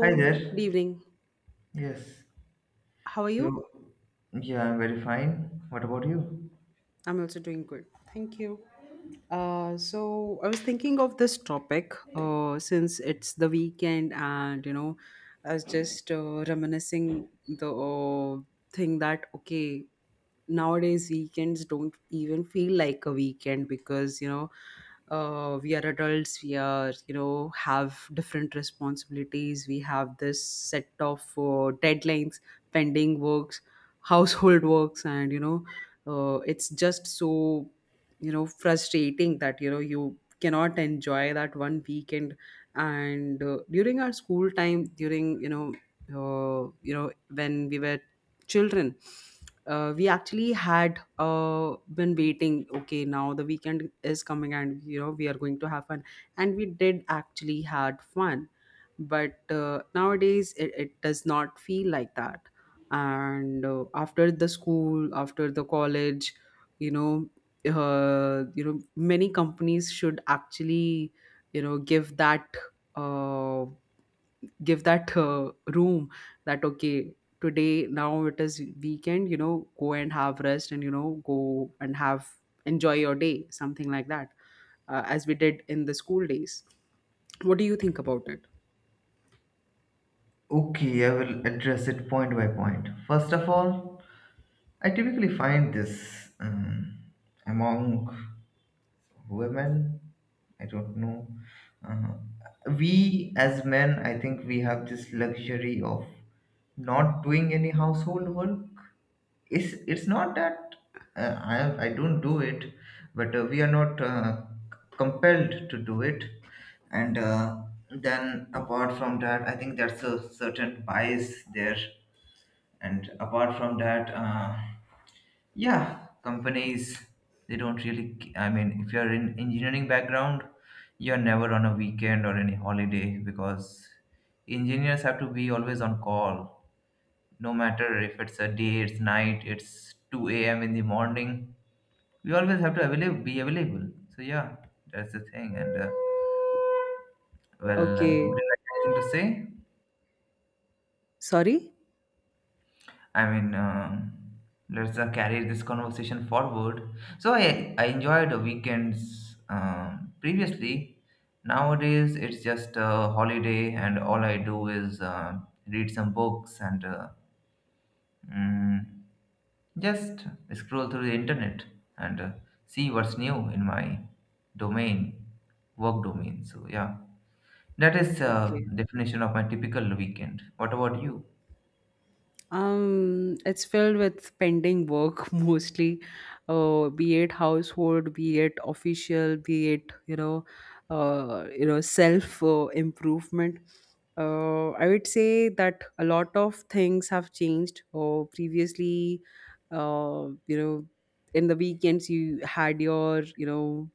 Hi good there. evening. Yes. How are you? So, yeah, I'm very fine. What about you? I'm also doing good. Thank you. So I was thinking of this topic since it's the weekend, and I was just reminiscing the thing that okay, nowadays weekends don't even feel like a weekend because we are adults, we are you know have different responsibilities. We have this set of deadlines, pending works, household works, and it's just so frustrating that you cannot enjoy that one weekend. And during our school time, during when we were children, we actually had been waiting, okay, now the weekend is coming and we are going to have fun, and we did actually had fun. But nowadays it does not feel like that. And after the school, after the college, you know many companies should actually you know give that uh, give that room, that okay, today now it is weekend, go and have rest, and go and have, enjoy your day, something like that, as we did in the school days. What do you think about it? Okay, I will address it point by point. First of all, I typically find this among women. I don't know. Uh, we as men, I think we have this luxury of not doing any household work. It's not that I don't do it, but we are not compelled to do it. And Then apart from that, I think that's a certain bias there. And apart from that, yeah, companies they don't really. I mean, if you're in engineering background, you're never on a weekend or any holiday because engineers have to be always on call, no matter if it's a day, it's night, it's 2 a.m. in the morning. We always have to available, be available. So yeah, that's the thing. And Well, would Okay, you like anything to say? sorry. I mean, let's carry this conversation forward. So I enjoyed the weekends previously. Nowadays it's just a holiday, and all I do is read some books and. Mm, Just scroll through the internet and see what's new in my domain, work domain. So yeah, that is Okay. definition of my typical weekend. What about you? It's filled with pending work mostly, be it household, be it official, be it self improvement. I would say that a lot of things have changed. Or previously, uh, you know, in the weekends you had your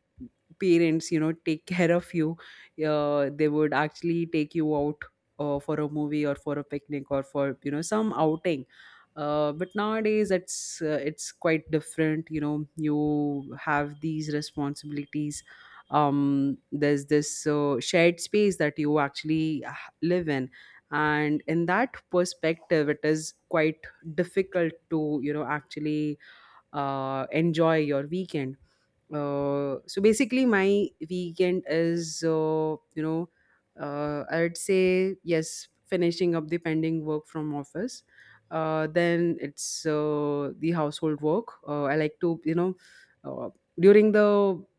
parents take care of you. They would actually take you out, or for a movie or for a picnic or for some outing. But nowadays it's quite different. You have these responsibilities. Um, there's this shared space that you actually live in, and in that perspective it is quite difficult to actually enjoy your weekend. So basically my weekend is I'd say, yes, finishing up the pending work from office. Then it's the household work. I like to uh, during the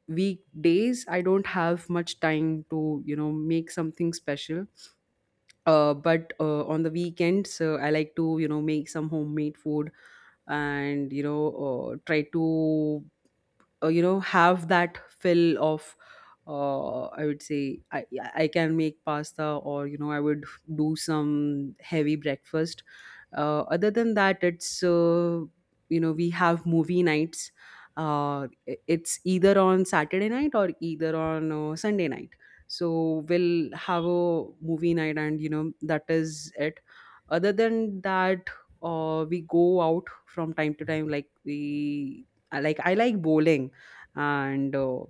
weekdays I don't have much time to make something special. But On the weekends I like to make some homemade food, and try to have that fill of I would say I can make pasta, or I would do some heavy breakfast. Other than that, it's you know we have movie nights. It's either on Saturday night or either on Sunday night. So we'll have a movie night, and that is it. Other than that, we go out from time to time. I like bowling, and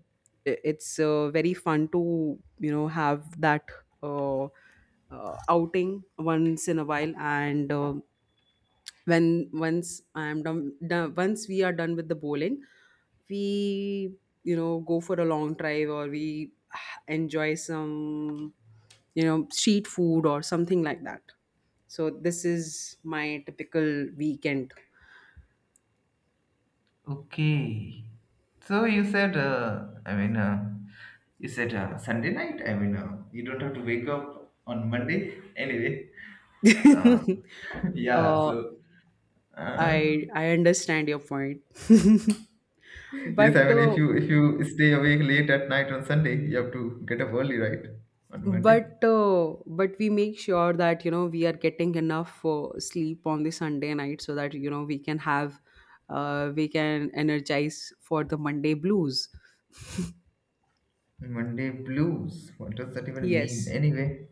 I- it's very fun to have that outing once in a while. And when once I am done, done once we are done with the bowling, we go for a long drive, or we enjoy some street food or something like that. So this is my typical weekend. Okay. So you said, I mean, you said Sunday night. I mean, you don't have to wake up on Monday anyway. Uh, yeah. uh So uh, I understand your point. yes, I but mean, uh, if you stay awake late at night on Sunday, you have to get up early, right? On Monday. but we make sure that we are getting enough sleep on the Sunday night so that we can have we can energize for the Monday blues. Monday blues. What does that even mean? Yes, Anyway,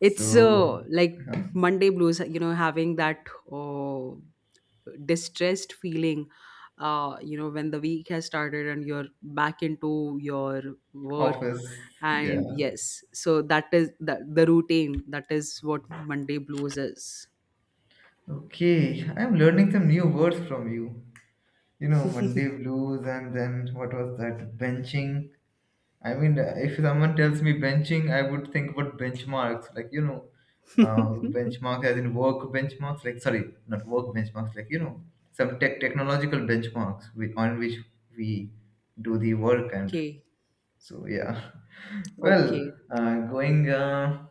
it's like huh? Monday blues, you know, having that distressed feeling, when the week has started and you're back into your work. Office. Yeah. And yes, so that is the routine. That is what Monday blues is. Okay. I'm learning some new words from you. You know, Monday blues, and then what was that? Benching. I mean, if someone tells me benching, I would think about benchmarks, like benchmarks as in work benchmarks. Like, sorry, not work benchmarks. Like you know, some tech technological benchmarks with, on which we do the work and Okay, so yeah, well, okay. Going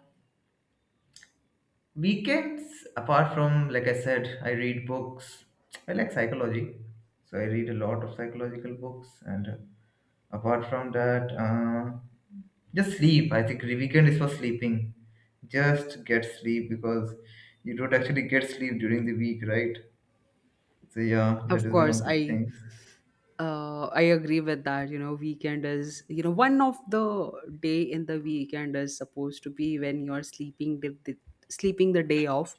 weekends. Apart from like I said, I read books. I like psychology, so I read a lot of psychological books. And apart from that, just sleep. I think the weekend is for sleeping. Just get sleep because you don't actually get sleep during the week, right? So yeah, that Of is one course, of the I things. uh, I agree with that. You know, weekend is, you know, one of the day in the weekend is supposed to be when you're sleeping the sleeping the day off,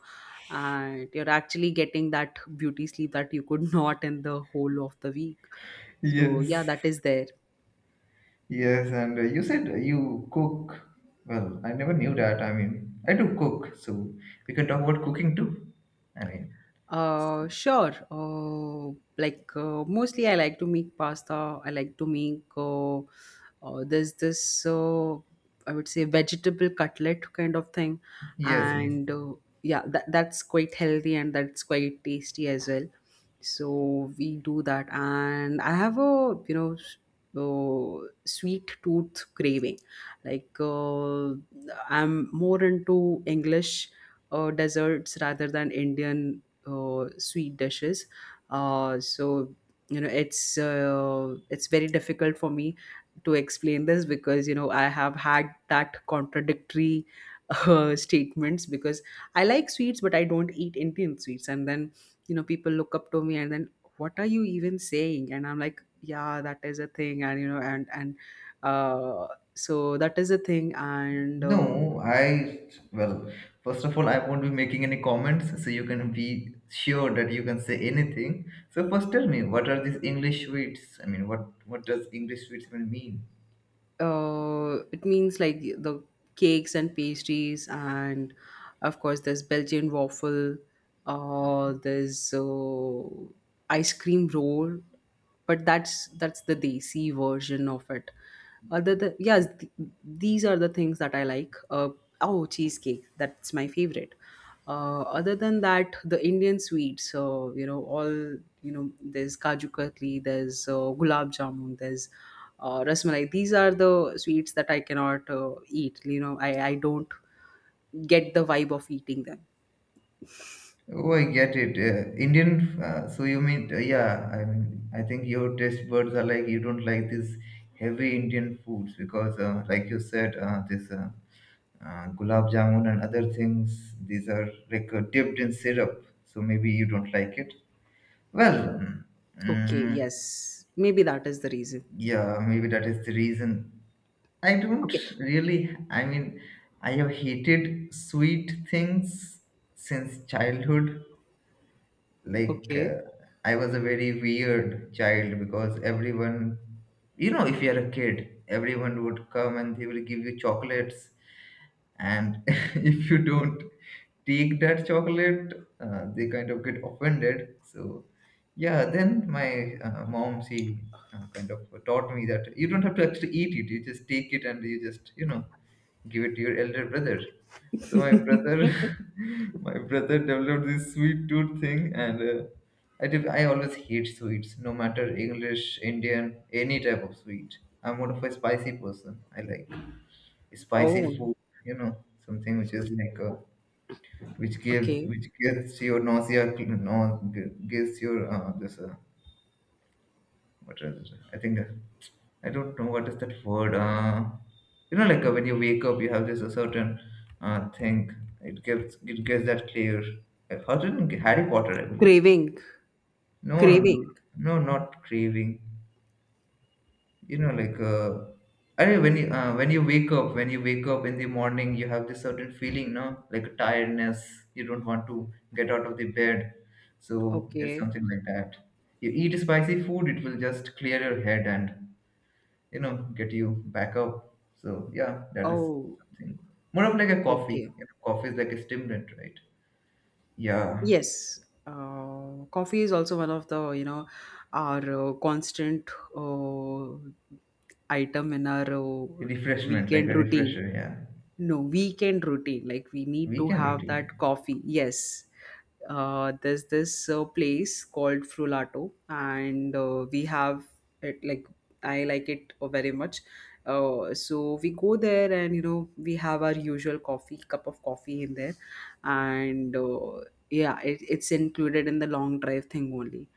and you're actually getting that beauty sleep that you could not in the whole of the week. So yeah, Yes. that is there. Yes, and you said you cook. Well, I never knew that. I mean, I do cook, so we can talk about cooking too. I mean, Sure. Mostly, I like to make pasta. I like to make there's this I would say vegetable cutlet kind of thing, yes, yes. and yeah, that's quite healthy and that's quite tasty as well. So we do that, and I have a sweet tooth craving. Like uh, I'm more into English desserts rather than Indian sweet dishes. Uh, so it's very difficult for me to explain this because I have had that contradictory statements, because I like sweets but I don't eat Indian sweets, and then people look up to me, and then what are you even saying, and I'm like yeah that is a thing, and uh, so that is a thing. And No, I, well, first of all, I won't be making any comments, so you can be sure that you can say anything. So first tell me, what are these English sweets? I mean, what does English sweets even mean? It means like the cakes and pastries, and of course there's belgian waffle, there's ice cream roll, but that's the desi version of it. Other than, yes, these are the things that I like. Oh, cheesecake, that's my favorite. Other than that, the Indian sweets, so you know all you know there's kaju katli, there's gulab jamun, there's rasmalai. These are the sweets that I cannot eat. I don't get the vibe of eating them. Oh, I get it. Indian, so you mean, yeah, I mean, I think your taste buds are like, you don't like these heavy Indian foods because, like you said, this gulab jamun and other things, these are like dipped in syrup, so maybe you don't like it. Well, mm, Okay, mm, yes, maybe that is the reason. yeah, maybe that is the reason. I don't Okay. really, I mean, I have hated sweet things since childhood. like Okay. uh, I was a very weird child because everyone, you know, if you're a kid, everyone would come and they will give you chocolates, and if you don't take that chocolate, they kind of get offended. So yeah, then my mom, she kind of taught me that you don't have to actually eat it, you just take it and you just, you know, give it to your elder brother. So my brother, my brother developed this sweet tooth thing, and I did, I always hate sweets, no matter English, Indian, any type of sweet. I'm more of a spicy person. I like spicy Oh, food, you know, something which is like which gives, okay. which gives your nausea, no, gives your this what is it? I think I don't know what is that word. You know, like when you wake up, you have this a certain thing. It gives, it gives that clear. Like, how did Harry Potter? I believe. Craving. No, no, Craving. no, no, not craving. You know, like I mean, when you wake up, when you wake up in the morning, you have this certain feeling, no, like tiredness. You don't want to get out of the bed. So it's Okay. something like that. You eat spicy food, it will just clear your head and, you know, get you back up. So yeah, that is Oh, something more of like a coffee. okay. You know, coffee is like a stimulant, right? Yeah. Yes, coffee is also one of the our constant uh, item in our Refreshment, like weekend a routine. refresher, yeah. No, weekend routine. Like we need to Weekend have routine. that coffee. Yes, there's this place called Frullato, and we have it, like I like it very much. So we go there, and we have our usual coffee, cup of coffee in there, and yeah, it's included in the long drive thing only.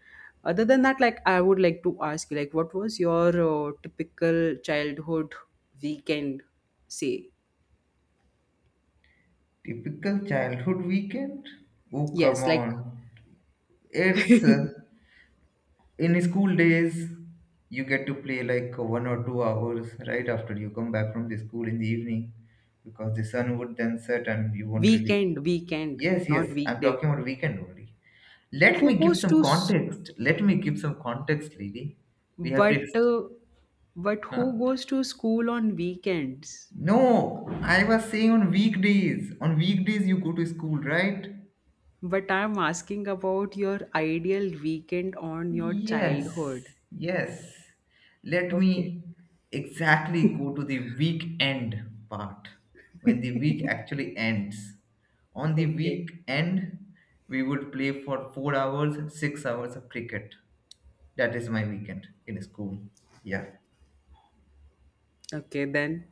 Other than that, like I would like to ask you, like, what was your typical childhood weekend? Say, Typical childhood weekend. Oh, come yes, like, on. It's in school days, you get to play like 1 or 2 hours right after you come back from the school in the evening, because the sun would then set and you won't really. weekend, weekend, Yes, yes, not I'm talking weekday. about weekend only. Let me Who give goes some to s- context. Let me give some context, lady. We have But text. uh, but who Huh? goes to school on weekends? No, I was saying on weekdays. On weekdays, you go to school, right? But I'm asking about your ideal weekend on your Yes, childhood. yes. Let Okay. me exactly go to the weekend part when the week actually ends. On the Okay. weekend, we would play for 4 hours, 6 hours of cricket. That is my weekend in school. Yeah. Okay then.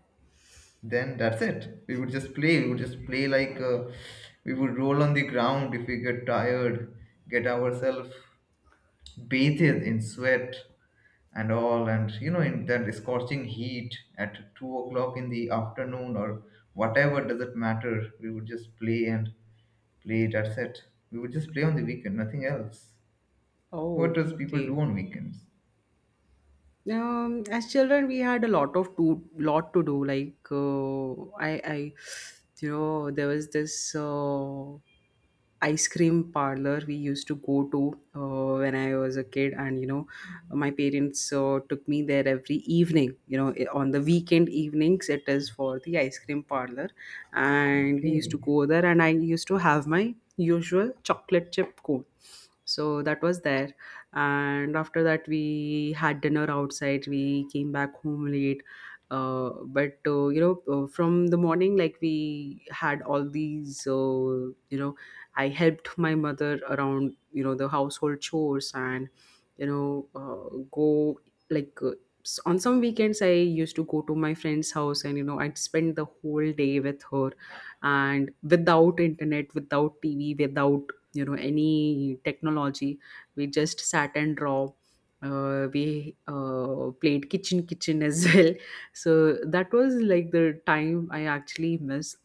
Then that's it, we would just play, we would just play like we would roll on the ground if we get tired, get ourselves bathed in sweat and all, and you know, in that scorching heat at 2 o'clock in the afternoon or whatever, doesn't matter, we would just play and play. That's it. We would just play on the weekend, nothing else. What Oh, does people do okay. on weekends? As children, we had a lot to do. There was this ice cream parlor we used to go to when I was a kid, and you know, my parents took me there every evening. You know, on the weekend evenings, it is for the ice cream parlor, and we used to Okay. go there, and I used to have my usual chocolate chip cone. So that was there, and after that, we had dinner outside. We came back home late. From the morning, like we had all these, I helped my mother around the household chores, and you know uh, go like uh, on some weekends I used to go to my friend's house, and I'd spend the whole day with her, and without internet, without TV, without any technology. We just sat and draw. We played kitchen kitchen as well. So that was like the time I actually missed,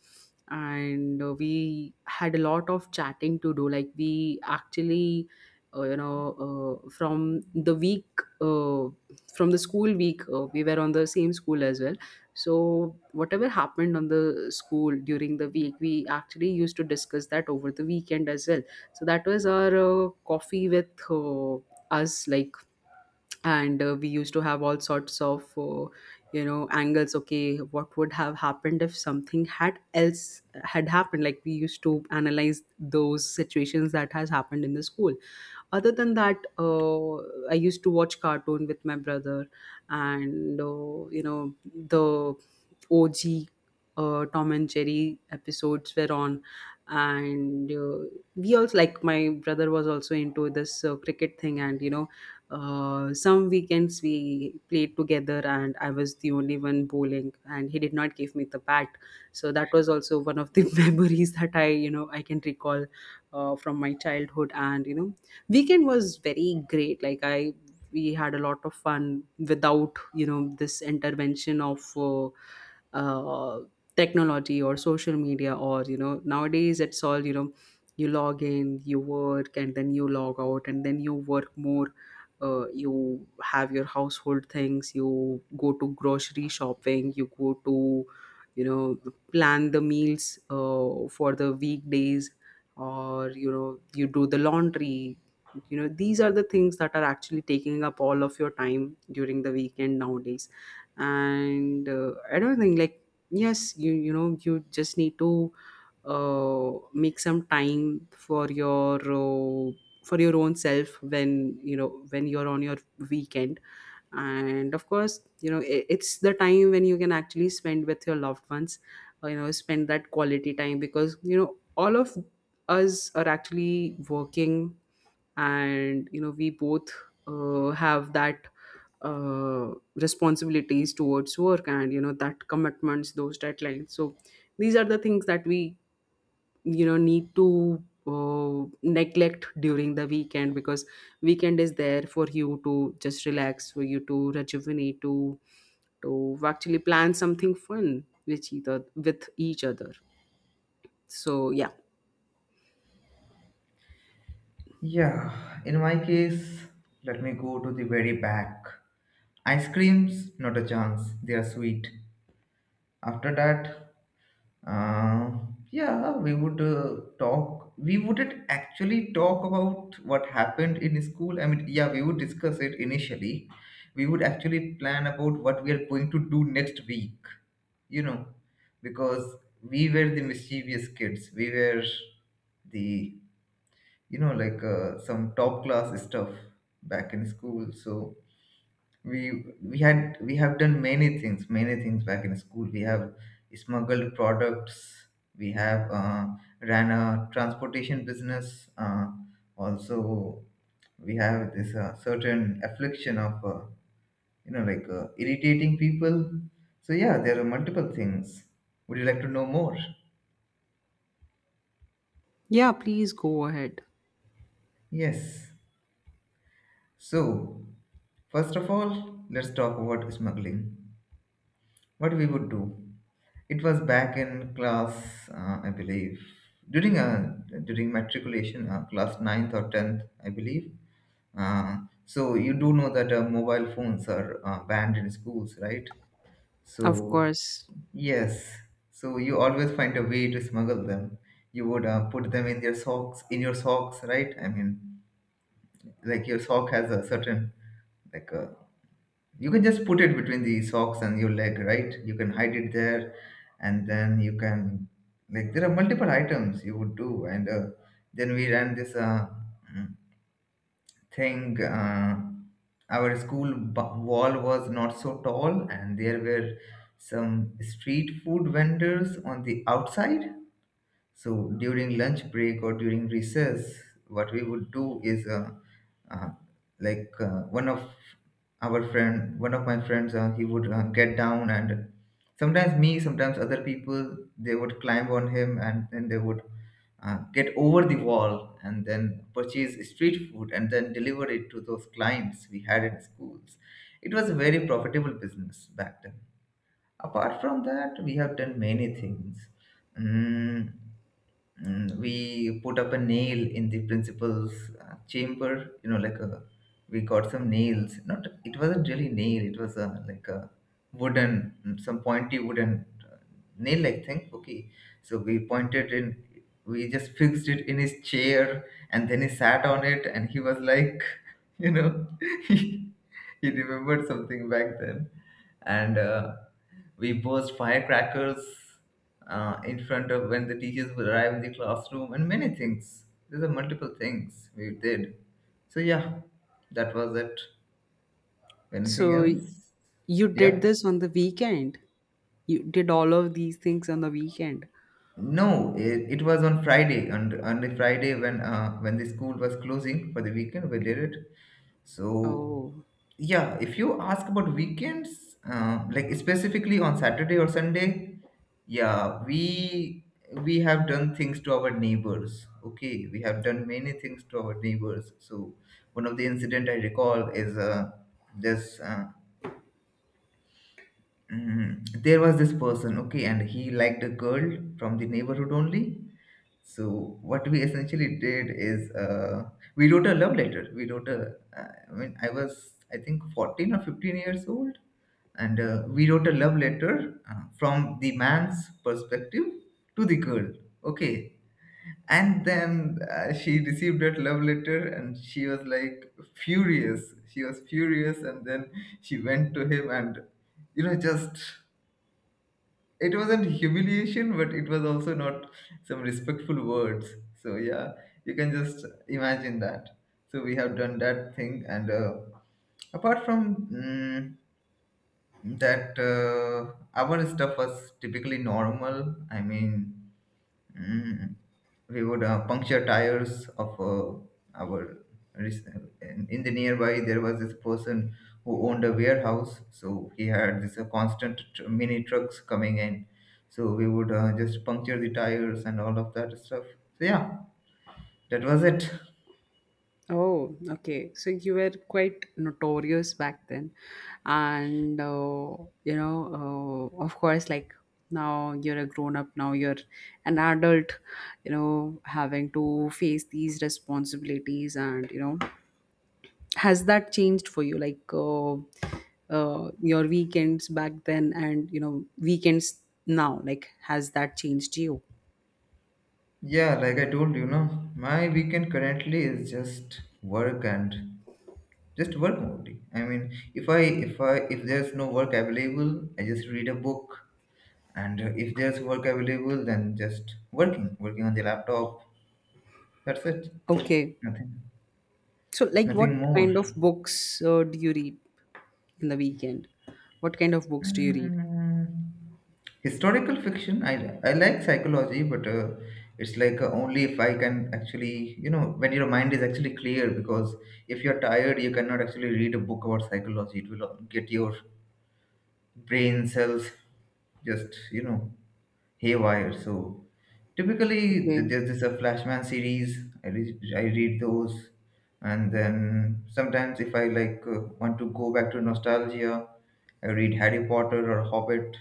and we had a lot of chatting to do. Like we actually uh, you know uh, from the week uh, from the school week we were on the same school as well, so whatever happened on the school during the week we actually used to discuss that over the weekend as well. So that was our coffee with us, like. And we used to have all sorts of angles. Okay, what would have happened if something had else had happened. Like we used to analyze those situations that has happened in the school. Other than that, I used to watch cartoon with my brother, and the OG Tom and Jerry episodes were on, and we also, like my brother was also into this cricket thing, and some weekends we played together, and I was the only one bowling and he did not give me the bat. So that was also one of the memories that I you know I can recall from my childhood. And weekend was very great. We had a lot of fun without this intervention of uh, technology or social media. Or nowadays it's all, you know, you log in, you work, and then you log out, and then you work more. You have your household things. You go to grocery shopping. You go to plan the meals for the weekdays, or you do the laundry. These are the things that are actually taking up all of your time during the weekend nowadays. And I don't think like, yes, you know you just need to make some time for your own self when when you're on your weekend. And of course, it's the time when you can actually spend with your loved ones, spend that quality time, because all of us are actually working, and we both have that responsibilities towards work, and that commitments, those deadlines. So these are the things that we need to neglect during the weekend, because weekend is there for you to just relax, for you to rejuvenate, to actually plan something fun with each other with each other. So yeah. Yeah, in my case, let me go to the very back. Ice creams, not a chance. They are sweet. After that, uh, yeah, we would talk. We wouldn't actually talk about what happened in school. I mean, yeah, we would discuss it initially. We would actually plan about what we are going to do next week. You know, because we were the mischievous kids. We were the, you know, like some top class stuff back in school. So we we had we have done many things, many things back in school. We have smuggled products, we have ran a transportation business, also. We have this certain affliction of you know, like irritating people. So yeah, there are multiple things. Would you like to know more? Yeah, please go ahead. Yes, so first of all, let's talk about smuggling. What we would do, it was back in class, I believe, during during matriculation, class ninth or 10th, I believe. uh, so you do know that mobile phones are banned in schools, right? Of So course. yes, so you always find a way to smuggle them. You would put them in their socks, in your socks, right? I mean, like your sock has a certain, like a, you can just put it between the socks and your leg, right? You can hide it there, and then you can, like there are multiple items you would do. And then we ran this mm, thing. Our school wall was not so tall, and there were some street food vendors on the outside. So during lunch break or during recess, what we would do is uh, like one of our friend, one of my friends, he would get down, and sometimes me, sometimes other people, they would climb on him, and then they would get over the wall and then purchase street food and then deliver it to those clients we had in schools. It was a very profitable business back then. Apart from that, we have done many things. Mm, we put up a nail in the principal's chamber. You know, like a, we got some nails. Not, it wasn't really nail. It was a, like a wooden, some pointy wooden nail-like thing. Okay, so we pointed in. We just fixed it in his chair, and then he sat on it, and he was like, you know, he, he remembered something back then, and we burst firecrackers in front of when the teachers would arrive in the classroom, and many things. These are multiple things we did. So yeah, that was it. Anything So else? you did Yeah. this on the weekend? You did all of these things on the weekend? No, it was on Friday, and on the Friday when the school was closing for the weekend, we did it. So Oh, yeah, if you ask about weekends, like specifically on Saturday or Sunday, yeah, we have done things to our neighbors. Okay, we have done many things to our neighbors. So one of the incident I recall is this there was this person, okay, and he liked a girl from the neighborhood only. So what we essentially did is, we wrote a love letter. We wrote a, I mean, I was, I think, 14 or 15 years old, and we wrote a love letter from the man's perspective to the girl. Okay, and then she received that love letter, and she was like furious. She was furious, and then she went to him and, you know just it wasn't humiliation, but it was also not some respectful words. So yeah, you can just imagine that. So we have done that thing, and apart from that, our stuff was typically normal. Mm. We would puncture tires of our. In the nearby, there was this person who owned a warehouse, so he had this constant mini trucks coming in. So we would just puncture the tires and all of that stuff. So yeah, that was it. oh, okay. So you were quite notorious back then. And, uh, of course, like, now you're a grown up, now you're an adult, you know, having to face these responsibilities and, you know, has that changed for you like your weekends back then and weekends now, like has that changed you? Yeah, like I told you, no, my weekend currently is just work and just work only. I mean, if I if there's no work available, I just read a book, and if there's work available, then just working on the laptop. That's it. Okay. Nothing, So like nothing what more. kind of books do you read in the weekend? What kind of books do you read? Mm, Historical fiction. I like psychology, but it's like only if I can actually, you know, when your mind is actually clear, because if you're tired, you cannot actually read a book about psychology. It will get your brain cells just, you know, haywire. So typically, Okay. There's this a Flashman series. I read those, and then sometimes if I like, want to go back to nostalgia, I read Harry Potter or Hobbit.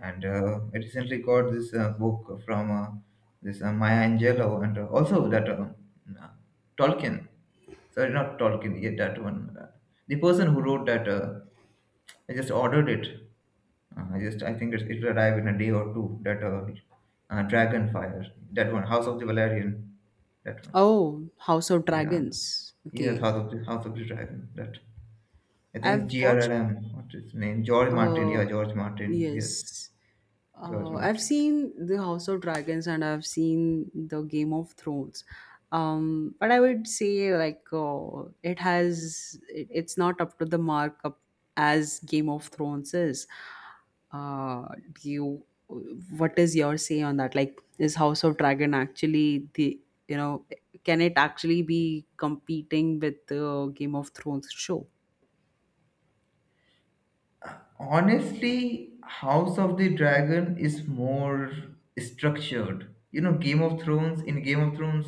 And I recently got this book from, this Maya Angelou, and also that, uh, Tolkien. Sorry, not Tolkien. Yeah, that one. The person who wrote that, I just ordered it. I think it will arrive in a day or two. That, Dragonfire. That one, House of the Valerian. That one. Oh, house of Yeah. dragons, Yes, okay. House of the Dragon. That, I think, it's I've watched, G.R.R.M. What's his name? George Martin. uh Yeah, George Martin. yes. Yes, George I've Martin. seen the House of Dragons and I've seen the Game of Thrones. But I would say like, it has it, it's not up to the mark up as Game of Thrones is. Uh, do you What is your say on that? Like, is House of Dragon actually the, you know can it actually be competing with the Game of Thrones show? Honestly, House of the Dragon is more structured. You know, Game of Thrones, in Game of Thrones,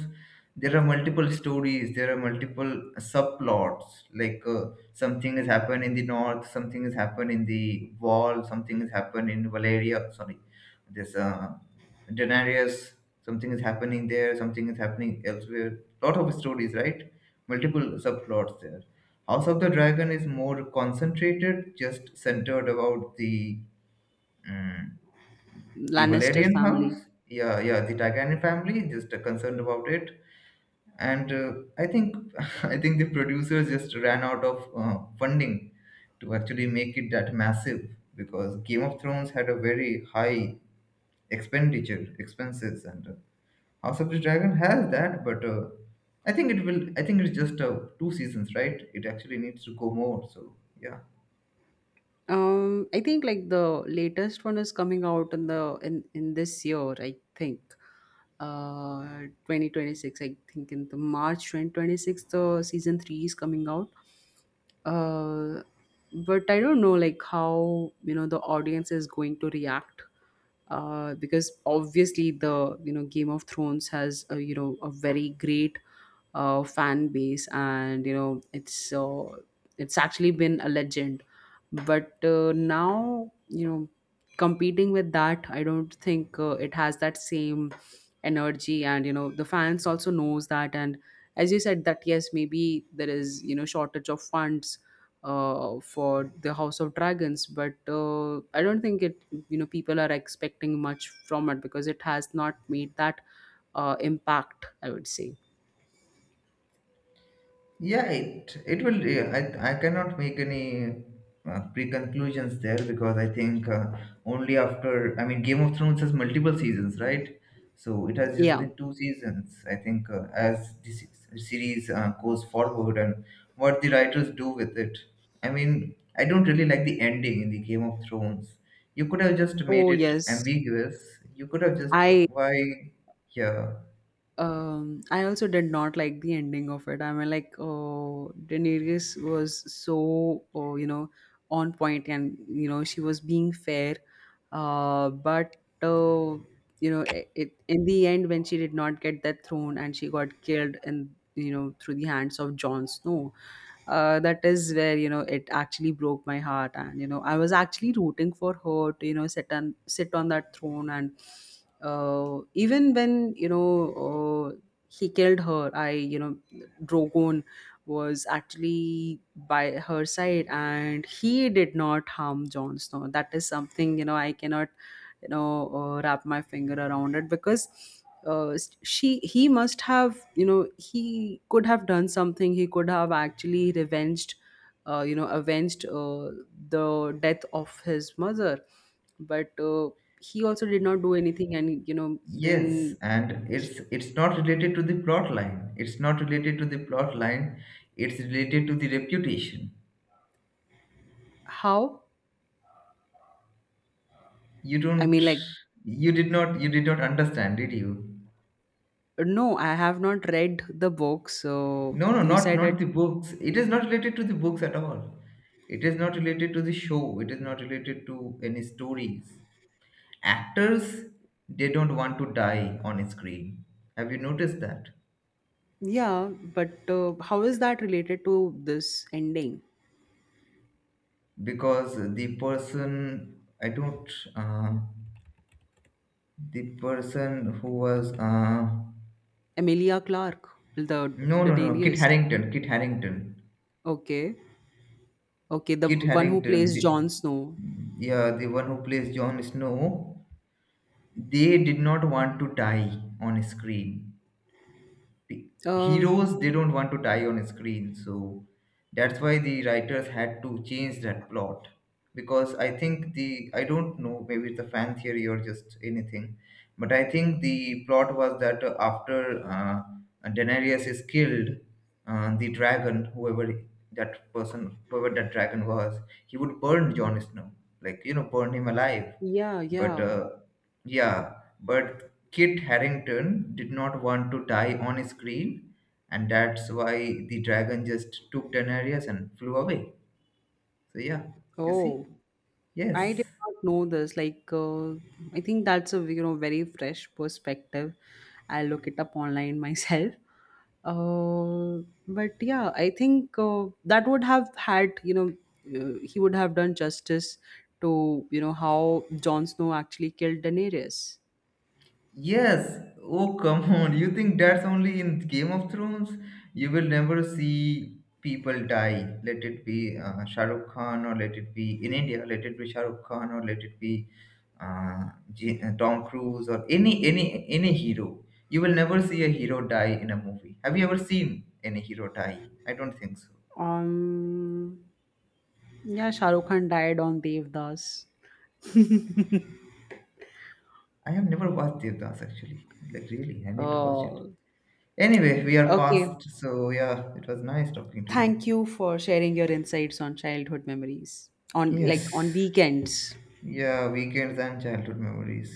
there are multiple stories, there are multiple subplots, like, something has happened in the north, something has happened in the wall, something has happened in Valeria. Sorry, there's, Daenerys, something is happening there, something is happening elsewhere. Lot of stories, right? Multiple subplots there. House of the Dragon is more concentrated, just centered about the mm, the Lannister Valerian family. house. Yeah, yeah, the Targaryen family, just concerned about it. And I think I think the producers just ran out of funding to actually make it that massive, because Game of Thrones had a very high expenditure expenses, and House of the Dragon has that, but. I think it will. I think it's just two seasons, right? It actually needs to go more. So yeah. I think like the latest one is coming out in the in this year, I think. 2026, I think in the March 2026, the season 3 is coming out. Uh, but I don't know like how, you know, the audience is going to react. Because obviously the, you know, Game of Thrones has a, you know, a very great fan base and, you know, it's actually been a legend. But now, you know, competing with that, I don't think it has that same energy, and you know the fans also knows that. And as you said that, yes, maybe there is, you know, shortage of funds for the house of dragons, but I don't think it, you know, people are expecting much from it because it has not made that impact, I would say. Yeah, it will. Yeah, I cannot make any pre-conclusions there, because I think, only after, I mean, Game of Thrones has multiple seasons, right? So it has just Yeah. been two seasons. I think, as this series goes forward and what the writers do with it. I mean, I don't really like the ending in the Game of Thrones. You could have just made Oh it yes. ambiguous. You could have just, i yeah. um i also did not like the ending of it. I mean, like, oh, Daenerys was so, oh, you know, on point, and you know she was being fair. But you know it, it in the end when she did not get that throne and she got killed, and you know through the hands of Jon Snow. Uh, that is where, you know, it actually broke my heart, and you know I was actually rooting for her to, you know, sit on that throne. And even when, you know, uh, he killed her, I, you know, Drogon was actually by her side and he did not harm Jon Snow. That is something, you know, I cannot, wrap my finger around it, because uh, she he must have, you know, he could have done something. He could have actually revenged, avenged the death of his mother. But he also did not do anything. And you know, then Yes, and it's not related to the plot line. It's not related to the plot line. It's related to the reputation. how, You I don't, mean, like, you did not understand, did you? no, I have not read the book, so No, no, you said that. not the books. It is not related to the books at all. It is not related to the show. It is not related to any stories. Actors, they don't want to die on screen. Have you noticed that? Yeah, but how is that related to this ending? Because the person, I don't. Uh, the person who was, Emilia Clark, no, no, no, Daenerys. Kit Harrington. Okay. Okay, the Kit one who Harrington plays the, Jon Snow. yeah, the one who plays Jon Snow. They did not want to die on screen. Um, Heroes, they don't want to die on screen, so that's why the writers had to change that plot, because I think the, I don't know, maybe it's a fan theory or just anything, but I think the plot was that, after, uh, Daenerys is killed, the dragon, whoever that person, whoever that dragon was, he would burn Jon Snow, like, you know, burn him alive. yeah, But yeah. Yeah but Kit Harrington did not want to die on screen, and that's why the dragon just took Daenerys and flew away. So, yeah, you see? Oh, I Yes. did not know this. Like, I think that's a, you know, very fresh perspective. I'll look it up online myself. Uh, but yeah, I think that would have had, you know, he would have done justice to, you know, how Jon Snow actually killed Daenerys. Yes. Oh, come on. You think that's only in Game of Thrones? You will never see people die. Let it be Shah Rukh Khan, or let it be in India. Let it be Shah Rukh Khan, or let it be uh, Tom Cruise, or any any hero. You will never see a hero die in a movie. Have you ever seen any hero die? I don't think so. Um, yeah, Shah Rukh Khan died on Devdas. I have never watched Devdas actually. Like really, I need to watch it. Oh, Anyway, we are okay. past. So yeah, it was nice talking to you. Thank you for sharing your insights on childhood memories, on like Yes. on weekends. Yeah, weekends and childhood memories.